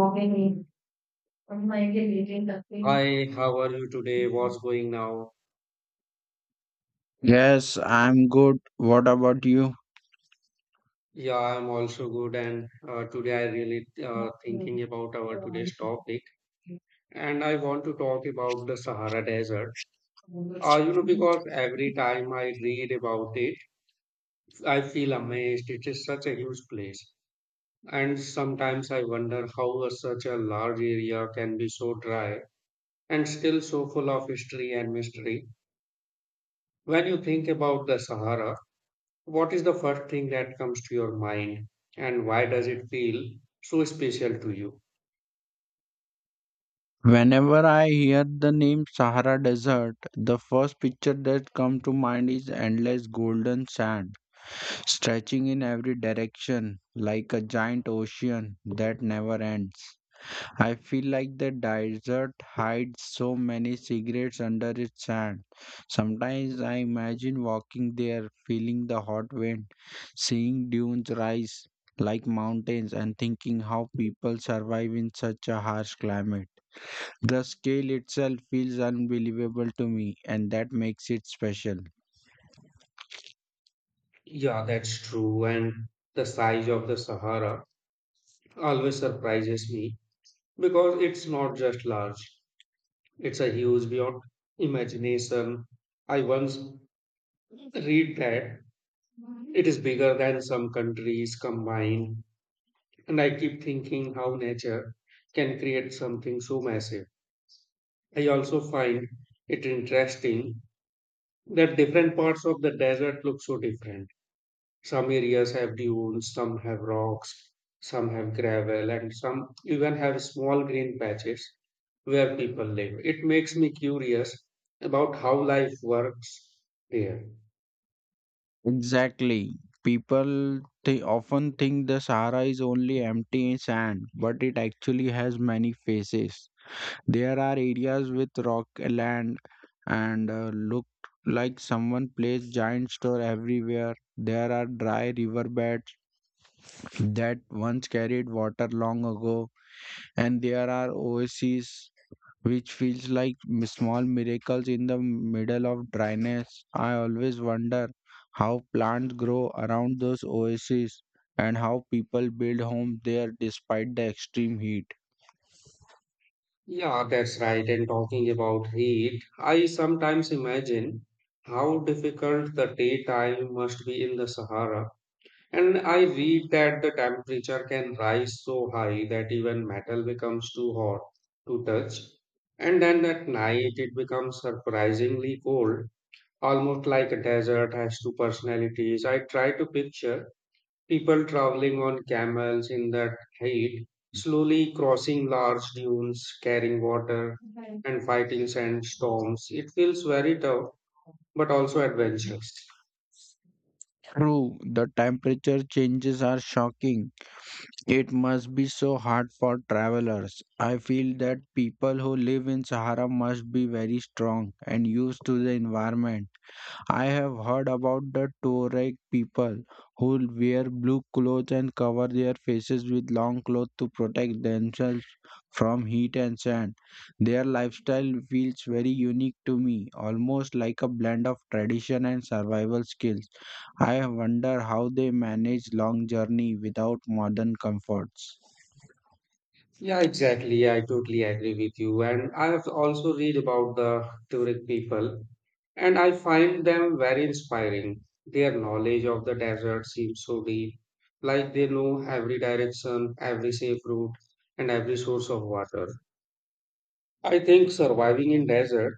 Morning. I'm like leading the Hi, how are you today? What's going now? Yes, I'm good. What about you? Yeah, I'm also good, and today I really thinking about our today's topic, and I want to talk about the Sahara Desert. Because every time I read about it, I feel amazed. It is such a huge place, and sometimes I wonder how such a large area can be so dry and still so full of history and mystery. When you think about the Sahara, what is the first thing that comes to your mind, and why does it feel so special to you? Whenever I hear the name Sahara Desert, the first picture that comes to mind is endless golden sand stretching in every direction like a giant ocean that never ends. I feel like the desert hides so many secrets under its sand. Sometimes I imagine walking there, feeling the hot wind, seeing dunes rise like mountains, and thinking how people survive in such a harsh climate. The scale itself feels unbelievable to me, and that makes it special. Yeah, that's true. And the size of the Sahara always surprises me because it's not just large, it's a huge beyond imagination. I once read that it is bigger than some countries combined, and I keep thinking how nature can create something so massive. I also find it interesting that different parts of the desert look so different. Some areas have dunes, some have rocks, some have gravel, and some even have small green patches where people live. It makes me curious about how life works there. Exactly. People they often think the Sahara is only empty sand, but it actually has many faces. There are areas with rock land and look like someone placed giant store everywhere. There are dry riverbeds that once carried water long ago, and there are oases which feels like small miracles in the middle of dryness. I always wonder how plants grow around those oases and how people build homes there despite the extreme heat. Yeah, that's right. And talking about heat, I sometimes imagine how difficult the daytime must be in the Sahara. And I read that the temperature can rise so high that even metal becomes too hot to touch. And then at night, it becomes surprisingly cold, almost like a desert has two personalities. I try to picture people traveling on camels in that heat, slowly crossing large dunes, carrying water, and fighting sandstorms. It feels very tough, but also adventurous. True, the temperature changes are shocking. It must be so hard for travelers. I feel that people who live in Sahara must be very strong and used to the environment. I have heard about the Tuareg people who wear blue clothes and cover their faces with long clothes to protect themselves from heat and sand. Their lifestyle feels very unique to me, almost like a blend of tradition and survival skills. I wonder how they manage long journey without modern comforts. Yeah, exactly. Yeah, I totally agree with you. And I have also read about the Tuareg people, and I find them very inspiring. Their knowledge of the desert seems so deep, like they know every direction, every safe route, and every source of water. I think surviving in desert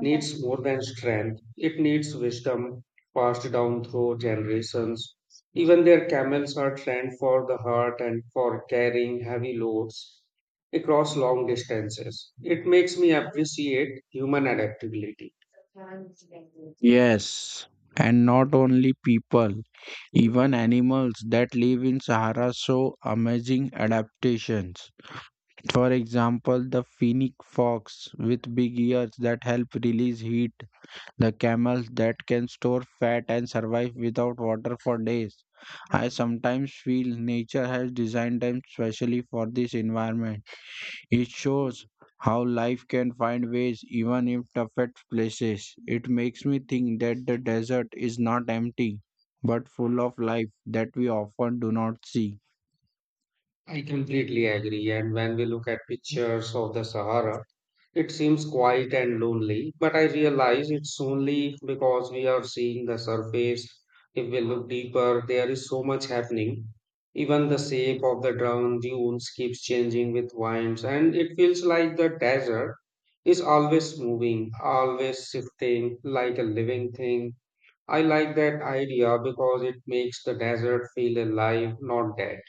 needs more than strength. It needs wisdom passed down through generations. Even their camels are trained for the heart and for carrying heavy loads across long distances. It makes me appreciate human adaptability. Yes, and not only people, even animals that live in Sahara show amazing adaptations. For example, the Finnic fox with big ears that help release heat, the camels that can store fat and survive without water for days. I sometimes feel nature has designed them specially for this environment. It shows how life can find ways even in toughest places. It makes me think that the desert is not empty, but full of life that we often do not see. I completely agree. And when we look at pictures of the Sahara, it seems quiet and lonely, but I realize it's only because we are seeing the surface. If we look deeper, there is so much happening. Even the shape of the drowned dunes keeps changing with winds, and it feels like the desert is always moving, always shifting, like a living thing. I like that idea because it makes the desert feel alive, not dead.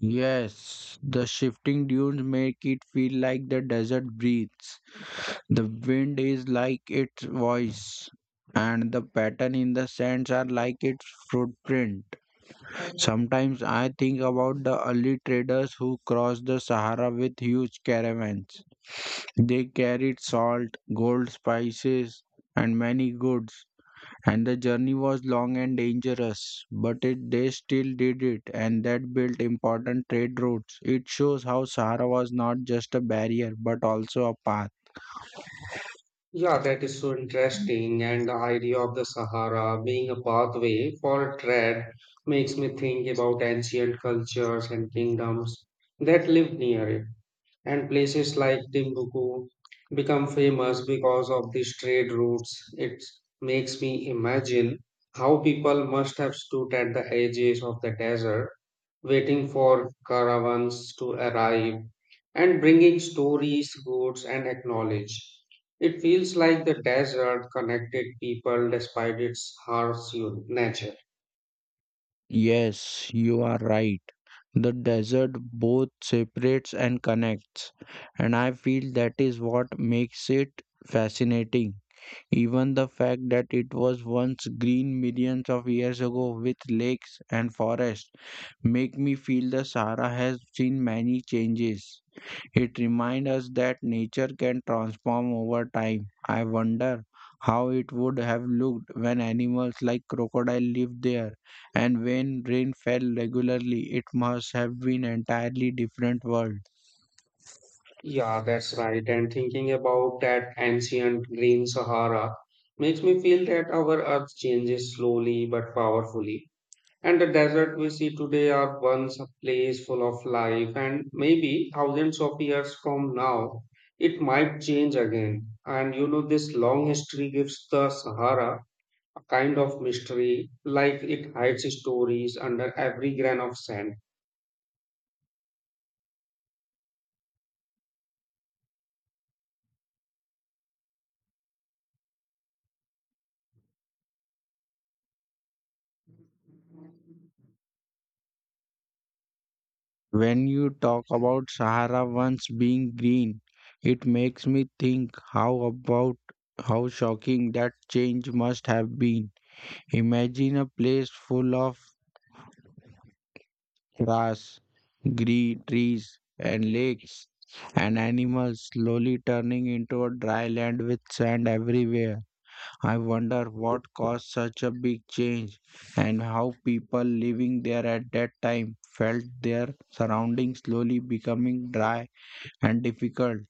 Yes, the shifting dunes make it feel like the desert breathes. The wind is like its voice, and the pattern in the sands are like its footprint. Sometimes I think about the early traders who crossed the Sahara with huge caravans. They carried salt, gold, spices, and many goods, and the journey was long and dangerous, but it, they still did it, and that built important trade routes. It shows how Sahara was not just a barrier but also a path. Yeah, that is so interesting. And the idea of the Sahara being a pathway for trade makes me think about ancient cultures and kingdoms that lived near it. And places like Timbuktu become famous because of these trade routes. It makes me imagine how people must have stood at the edges of the desert waiting for caravans to arrive and bringing stories, goods, and acknowledge. It feels like the desert connected people despite its harsh nature. Yes, you are right. The desert both separates and connects, and I feel that is what makes it fascinating. Even the fact that it was once green millions of years ago with lakes and forests make me feel the Sahara has seen many changes. It reminds us that nature can transform over time. I wonder how it would have looked when animals like crocodile lived there and when rain fell regularly. It must have been entirely different world. Yeah, that's right. And thinking about that ancient green Sahara makes me feel that our earth changes slowly but powerfully. And the desert we see today are once a place full of life, and maybe thousands of years from now, it might change again. And you know, this long history gives the Sahara a kind of mystery, like it hides stories under every grain of sand. When you talk about Sahara once being green, it makes me think how about how shocking that change must have been. Imagine a place full of grass, green trees, and lakes, and animals slowly turning into a dry land with sand everywhere. I wonder what caused such a big change and how people living there at that time felt their surroundings slowly becoming dry and difficult.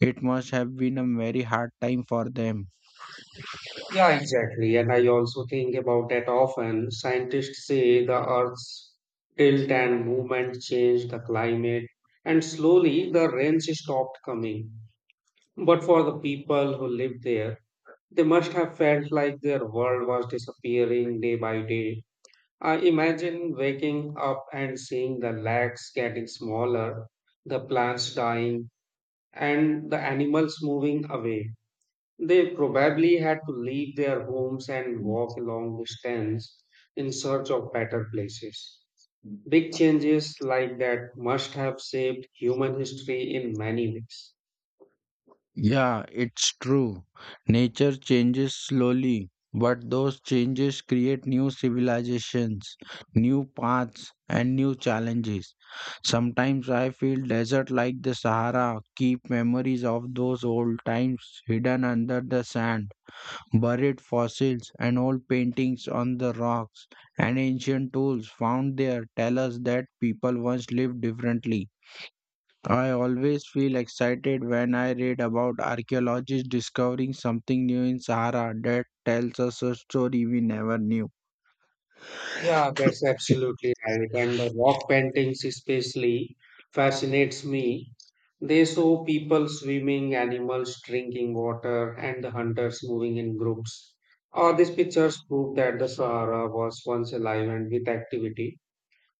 It must have been a very hard time for them. Yeah, exactly. And I also think about that often. Scientists say the Earth's tilt and movement changed the climate, and slowly the rains stopped coming. But for the people who lived there, they must have felt like their world was disappearing day by day. I imagine waking up and seeing the lakes getting smaller, the plants dying, and the animals moving away. They probably had to leave their homes and walk long distance in search of better places. Big changes like that must have shaped human history in many ways. Yeah, it's true. Nature changes slowly, but those changes create new civilizations, new paths, and new challenges. Sometimes I feel desert like the Sahara keep memories of those old times hidden under the sand, buried fossils and old paintings on the rocks and ancient tools found there tell us that people once lived differently. I always feel excited when I read about archaeologists discovering something new in Sahara that tells us a story we never knew. Yeah, that's absolutely right. And the rock paintings especially fascinates me. They show people swimming, animals drinking water, and the hunters moving in groups. All these pictures prove that the Sahara was once alive and with activity.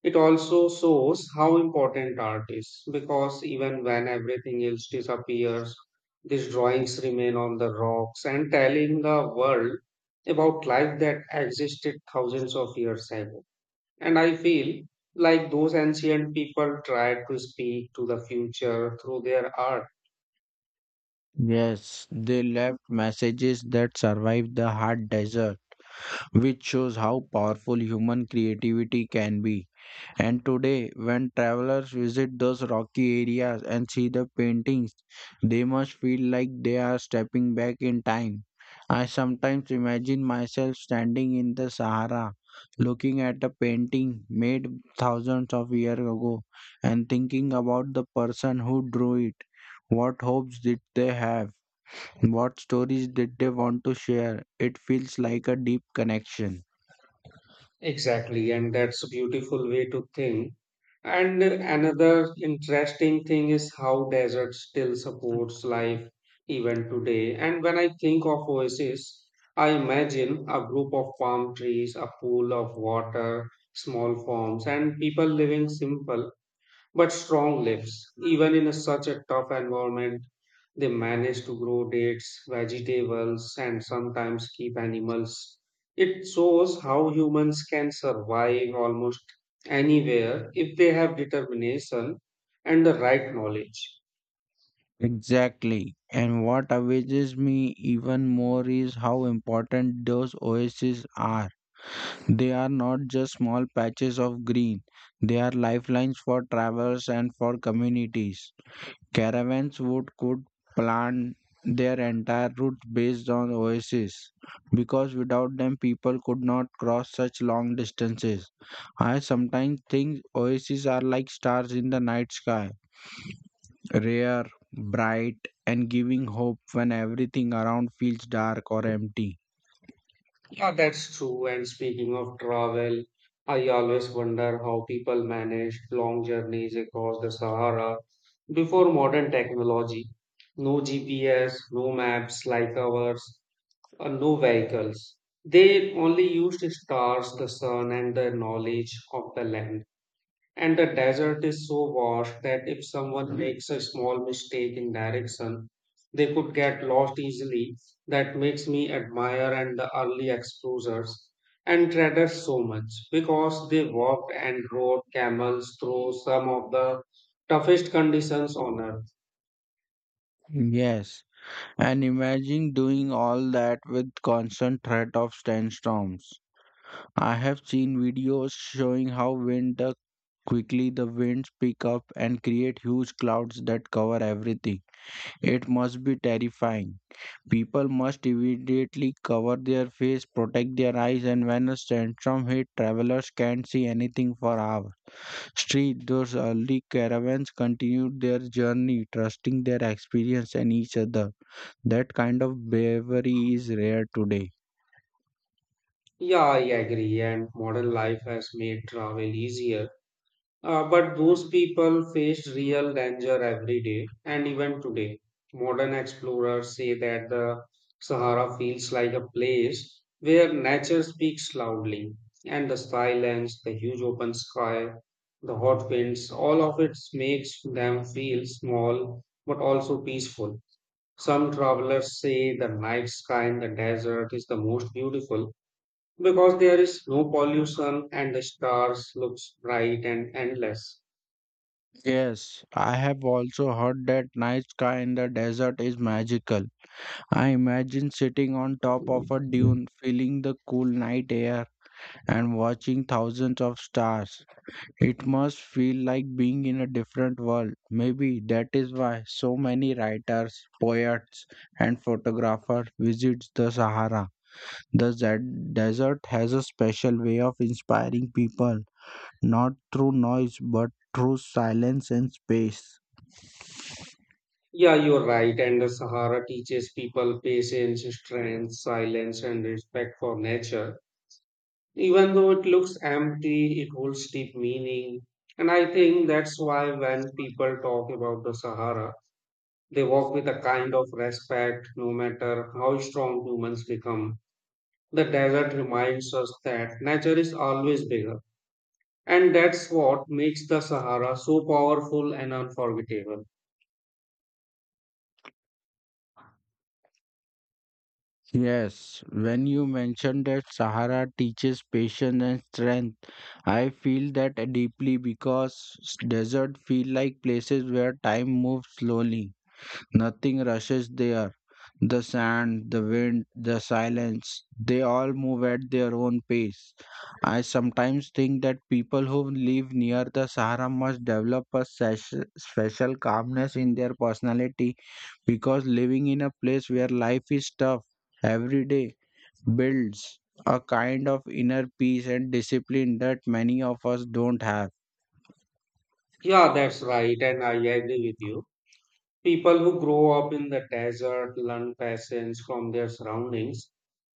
It also shows how important art is because even when everything else disappears, these drawings remain on the rocks and telling the world about life that existed thousands of years ago. And I feel like those ancient people tried to speak to the future through their art. Yes, they left messages that survived the hot desert, which shows how powerful human creativity can be. And today, when travelers visit those rocky areas and see the paintings, they must feel like they are stepping back in time. I sometimes imagine myself standing in the Sahara, looking at a painting made thousands of years ago, and thinking about the person who drew it. What hopes did they have? What stories did they want to share? It feels like a deep connection. Exactly, and that's a beautiful way to think. And another interesting thing is how desert still supports life even today. And when I think of oasis, I imagine a group of palm trees, a pool of water, small farms, and people living simple but strong leaves. Even in such a tough environment, they manage to grow dates, vegetables, and sometimes keep animals. It shows how humans can survive almost anywhere if they have determination and the right knowledge. Exactly. And what amazes me even more is how important those oases are. They are not just small patches of green, they are lifelines for travelers and for communities. Caravans would could plan their entire route based on oases because without them people could not cross such long distances. I sometimes think oases are like stars in the night sky, rare, bright, and giving hope when everything around feels dark or empty. Yeah, that's true. And speaking of travel, I always wonder how people managed long journeys across the Sahara before modern technology. No GPS, no maps like ours, and no vehicles. They only used stars, the sun, and the knowledge of the land. And the desert is so vast that if someone makes a small mistake in direction, they could get lost easily. That makes me admire and the early explorers and traders so much because they walked and rode camels through some of the toughest conditions on earth. Yes, and imagine doing all that with constant threat of sandstorms. I have seen videos showing how wind the quickly the winds pick up and create huge clouds that cover everything. It must be terrifying. People must immediately cover their face, protect their eyes, and when a sandstorm hits, travelers can't see anything for hours. Street, those early caravans continued their journey, trusting their experience and each other. That kind of bravery is rare today. Yeah, I agree. And modern life has made travel easier. But those people faced real danger every day, and even today. Modern explorers say that the Sahara feels like a place where nature speaks loudly, and the silence, the huge open sky, the hot winds, all of it makes them feel small but also peaceful. Some travelers say the night sky in the desert is the most beautiful because there is no pollution and the stars looks bright and endless. Yes, I have also heard that night sky in the desert is magical. I imagine sitting on top of a Yeah, dune, feeling the cool night air, and watching thousands of stars. It must feel like being in a different world. Maybe that is why so many writers, poets, and photographers visit the Sahara. The desert has a special way of inspiring people, not through noise but through silence and space. you're right. And the Sahara teaches people patience, strength, silence, and respect for nature. Even though it looks empty, it holds deep meaning. And I think that's why when people talk about the Sahara, they walk with a kind of respect, no matter how strong humans become. The desert reminds us that nature is always bigger. And that's what makes the Sahara so powerful and unforgettable. Yes, when you mentioned that Sahara teaches patience and strength, I feel that deeply because desert feel like places where time moves slowly. Nothing rushes there. The sand, the wind, the silence, they all move at their own pace. I sometimes think that people who live near the Sahara must develop a special calmness in their personality because living in a place where life is tough every day builds a kind of inner peace and discipline that many of us don't have. Yeah, that's right. And I agree with you. People who grow up in the desert learn patience from their surroundings.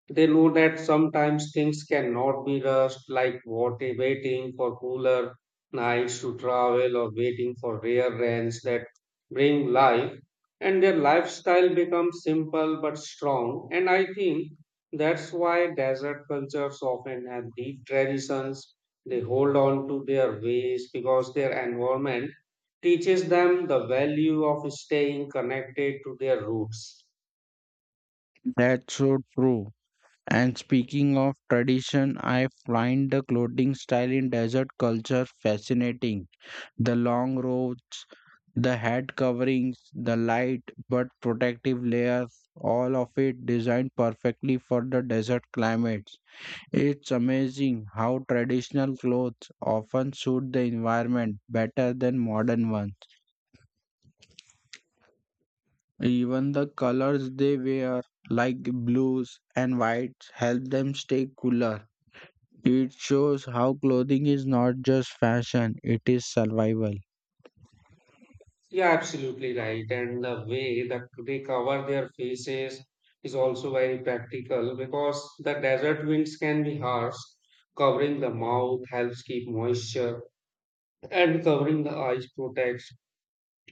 They know that sometimes things cannot be rushed, like waiting for cooler nights to travel or waiting for rare rains that bring life. And their lifestyle becomes simple but strong. And I think that's why desert cultures often have deep traditions. They hold on to their ways because their environment teaches them the value of staying connected to their roots. That's so true. And speaking of tradition, I find the clothing style in desert culture fascinating. The long robes, the head coverings, the light but protective layers, all of it designed perfectly for the desert climates. It's amazing how traditional clothes often suit the environment better than modern ones. Even the colors they wear, like blues and whites, help them stay cooler. It shows how clothing is not just fashion, it is survival. Yeah, absolutely right. And the way that they cover their faces is also very practical because the desert winds can be harsh. Covering the mouth helps keep moisture, and covering the eyes protects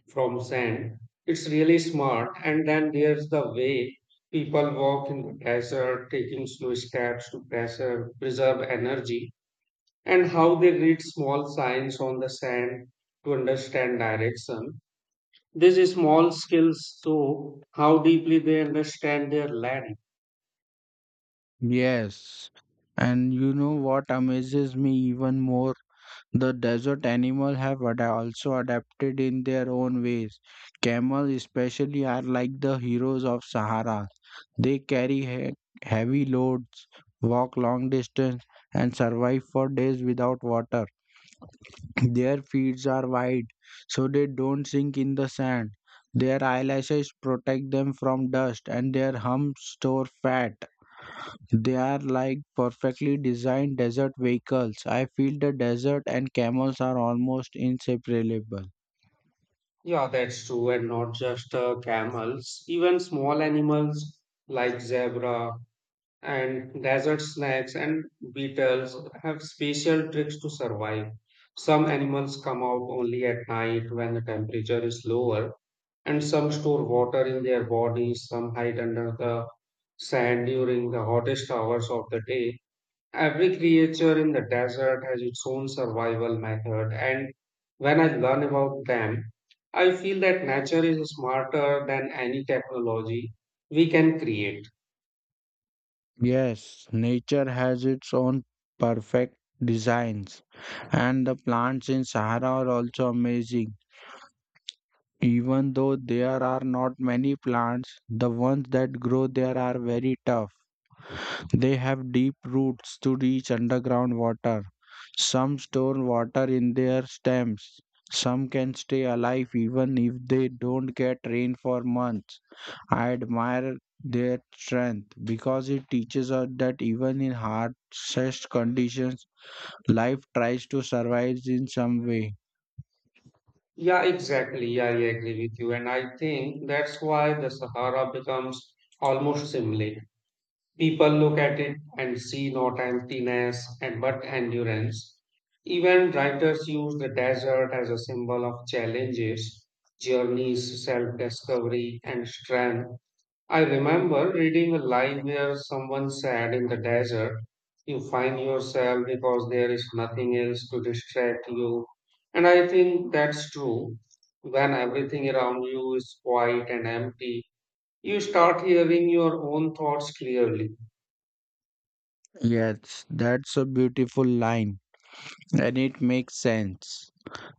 from sand. It's really smart. And then there's the way people walk in the desert, taking slow steps to preserve, energy, and how they read small signs on the sand to understand direction, these small skills show how deeply they understand their land. Yes. And you know what amazes me even more? The desert animal have also adapted in their own ways. Camels especially are like the heroes of Sahara. They carry heavy loads, walk long distance and survive for days without water. Their feet are wide so they don't sink in the sand. Their eyelashes protect them from dust and their humps store fat. They are like perfectly designed desert vehicles. I feel the desert and camels are almost inseparable. Yeah, that's true, and not just camels, even small animals like zebra and desert snakes and beetles have special tricks to survive. Some animals come out only at night when the temperature is lower, and some store water in their bodies, some hide under the sand during the hottest hours of the day. Every creature in the desert has its own survival method, and when I learn about them, I feel that nature is smarter than any technology we can create. Yes, nature has its own perfect designs, and the plants in Sahara are also amazing. Even though there are not many plants, the ones that grow there are very tough. They have deep roots to reach underground water. Some store water in their stems. Some can stay alive even if they don't get rain for months. I admire their strength because it teaches us that even in harshest conditions, life tries to survive in some way. Yeah, exactly. I agree with you. And I think that's why the Sahara becomes almost similar. People look at it and see not emptiness and but endurance. Even writers use the desert as a symbol of challenges, journeys, self discovery, and strength. I remember reading a line where someone said, in the desert, you find yourself because there is nothing else to distract you. And I think that's true. When everything around you is quiet and empty, you start hearing your own thoughts clearly. Yes, that's a beautiful line and it makes sense.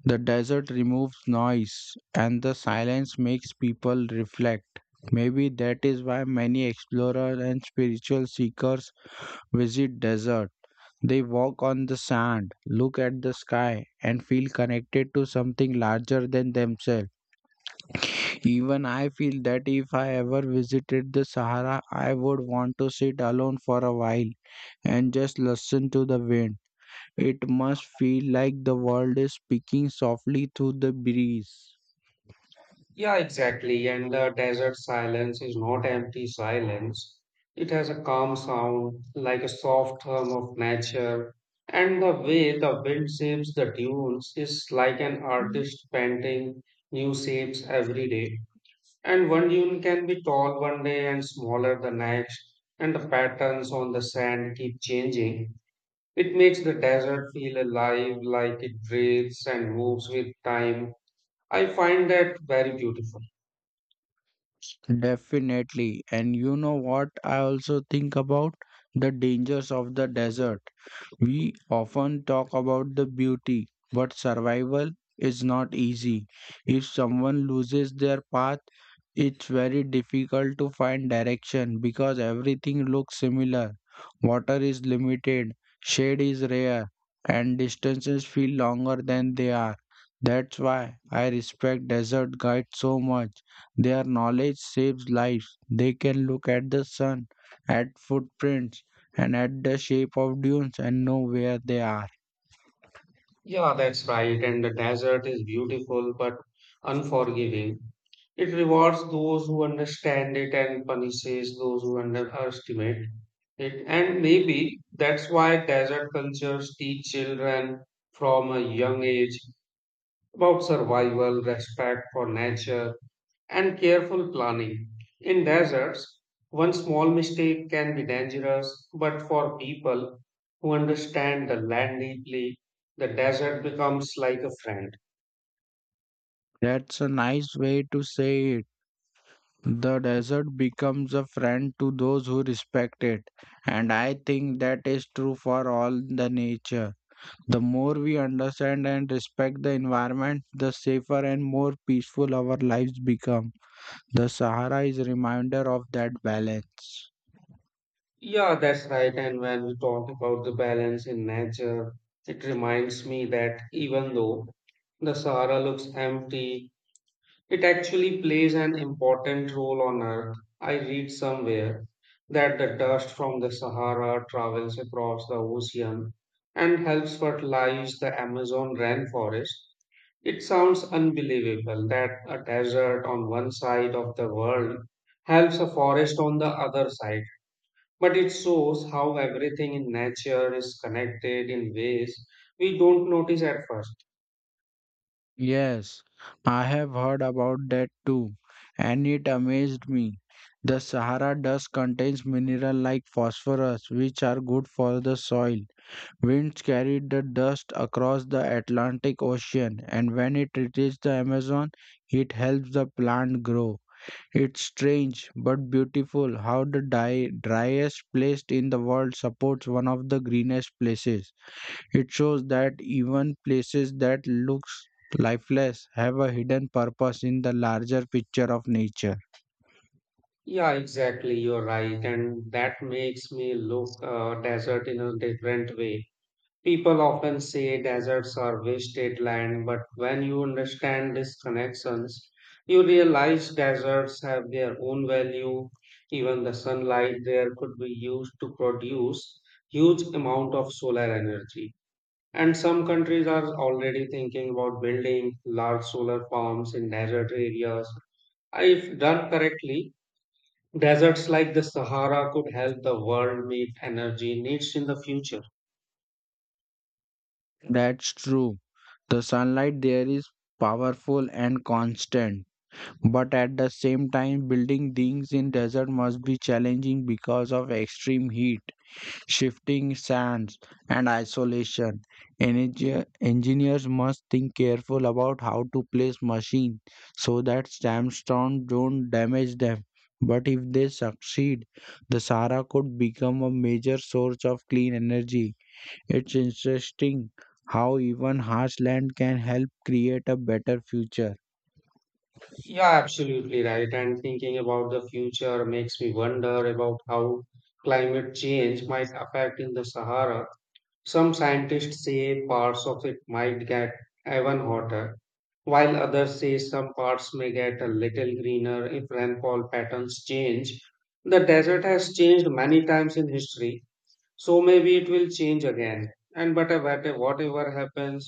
The desert removes noise and the silence makes people reflect. Maybe that is why many explorers and spiritual seekers visit desert. They walk on the sand, look at the sky and feel connected to something larger than themselves. Even I feel that if I ever visited the Sahara, I would want to sit alone for a while and just listen to the wind. It must feel like the world is speaking softly through the breeze. Yeah, exactly. And the desert silence is not empty silence. It has a calm sound, like a soft hum of nature. And the way the wind shapes the dunes is like an artist painting new shapes every day. And one dune can be tall one day and smaller the next, and the patterns on the sand keep changing. It makes the desert feel alive, like it breathes and moves with time. I find that very beautiful. Definitely. And you know what I also think about? The dangers of the desert. We often talk about the beauty, but survival is not easy. If someone loses their path, it's very difficult to find direction because everything looks similar. Water is limited, shade is rare, and distances feel longer than they are. That's why I respect desert guides so much. Their knowledge saves lives. They can look at the sun, at footprints, and at the shape of dunes and know where they are. Yeah, that's right. And the desert is beautiful but unforgiving. It rewards those who understand it and punishes those who underestimate it. And maybe that's why desert cultures teach children from a young age about survival, respect for nature, and careful planning. In deserts, one small mistake can be dangerous, but for people who understand the land deeply, the desert becomes like a friend. That's a nice way to say it. The desert becomes a friend to those who respect it, and I think that is true for all the nature. The more we understand and respect the environment, the safer and more peaceful our lives become. The Sahara is a reminder of that balance. Yeah, that's right. And when we talk about the balance in nature, it reminds me that even though the Sahara looks empty, it actually plays an important role on Earth. I read somewhere that the dust from the Sahara travels across the ocean and helps fertilize the Amazon rainforest. It sounds unbelievable that a desert on one side of the world helps a forest on the other side. But it shows how everything in nature is connected in ways we don't notice at first. Yes, I have heard about that too, and it amazed me. The Sahara dust contains minerals like phosphorus, which are good for the soil. Winds carried the dust across the Atlantic Ocean, and when it reaches the Amazon, it helps the plant grow. It's strange but beautiful how the driest place in the world supports one of the greenest places. It shows that even places that looks lifeless have a hidden purpose in the larger picture of nature. Yeah, exactly. You're right. And that makes me look desert in a different way. People often say deserts are wasted land, but when you understand these connections, you realize deserts have their own value. Even the sunlight there could be used to produce huge amount of solar energy. And some countries are already thinking about building large solar farms in desert areas. If done correctly, deserts like the Sahara could help the world meet energy needs in the future. That's true. The sunlight there is powerful and constant. But at the same time, building things in desert must be challenging because of extreme heat, shifting sands, and isolation. Engineers must think careful about how to place machine so that sandstone don't damage them. But if they succeed, the Sahara could become a major source of clean energy. It's interesting how even harsh land can help create a better future. Yeah, absolutely right. And thinking about the future makes me wonder about how climate change might affect in the Sahara. Some scientists say parts of it might get even hotter, while others say some parts may get a little greener if rainfall patterns change. The desert has changed many times in history, so maybe it will change again. And but whatever happens,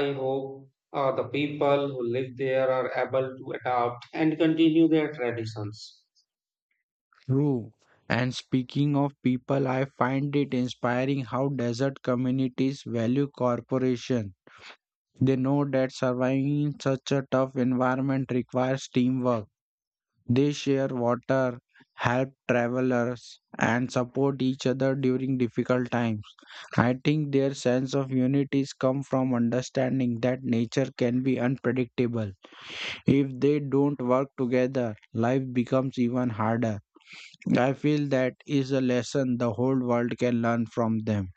I hope the people who live there are able to adapt and continue their traditions. True. And speaking of people, I find it inspiring how desert communities value cooperation. They know that surviving in such a tough environment requires teamwork. They share water, help travelers, and support each other during difficult times. I think their sense of unity comes from understanding that nature can be unpredictable. If they don't work together, life becomes even harder. I feel that is a lesson the whole world can learn from them.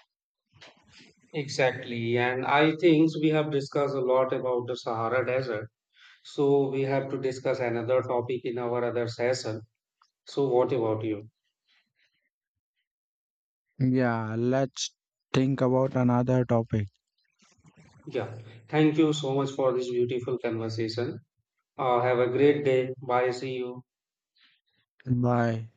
Exactly, and I think we have discussed a lot about the Sahara Desert, so we have to discuss another topic in our other session. So what about you? Yeah, let's think about another topic. Yeah, thank you so much for this beautiful conversation. Have a great day. Bye, see you. Bye.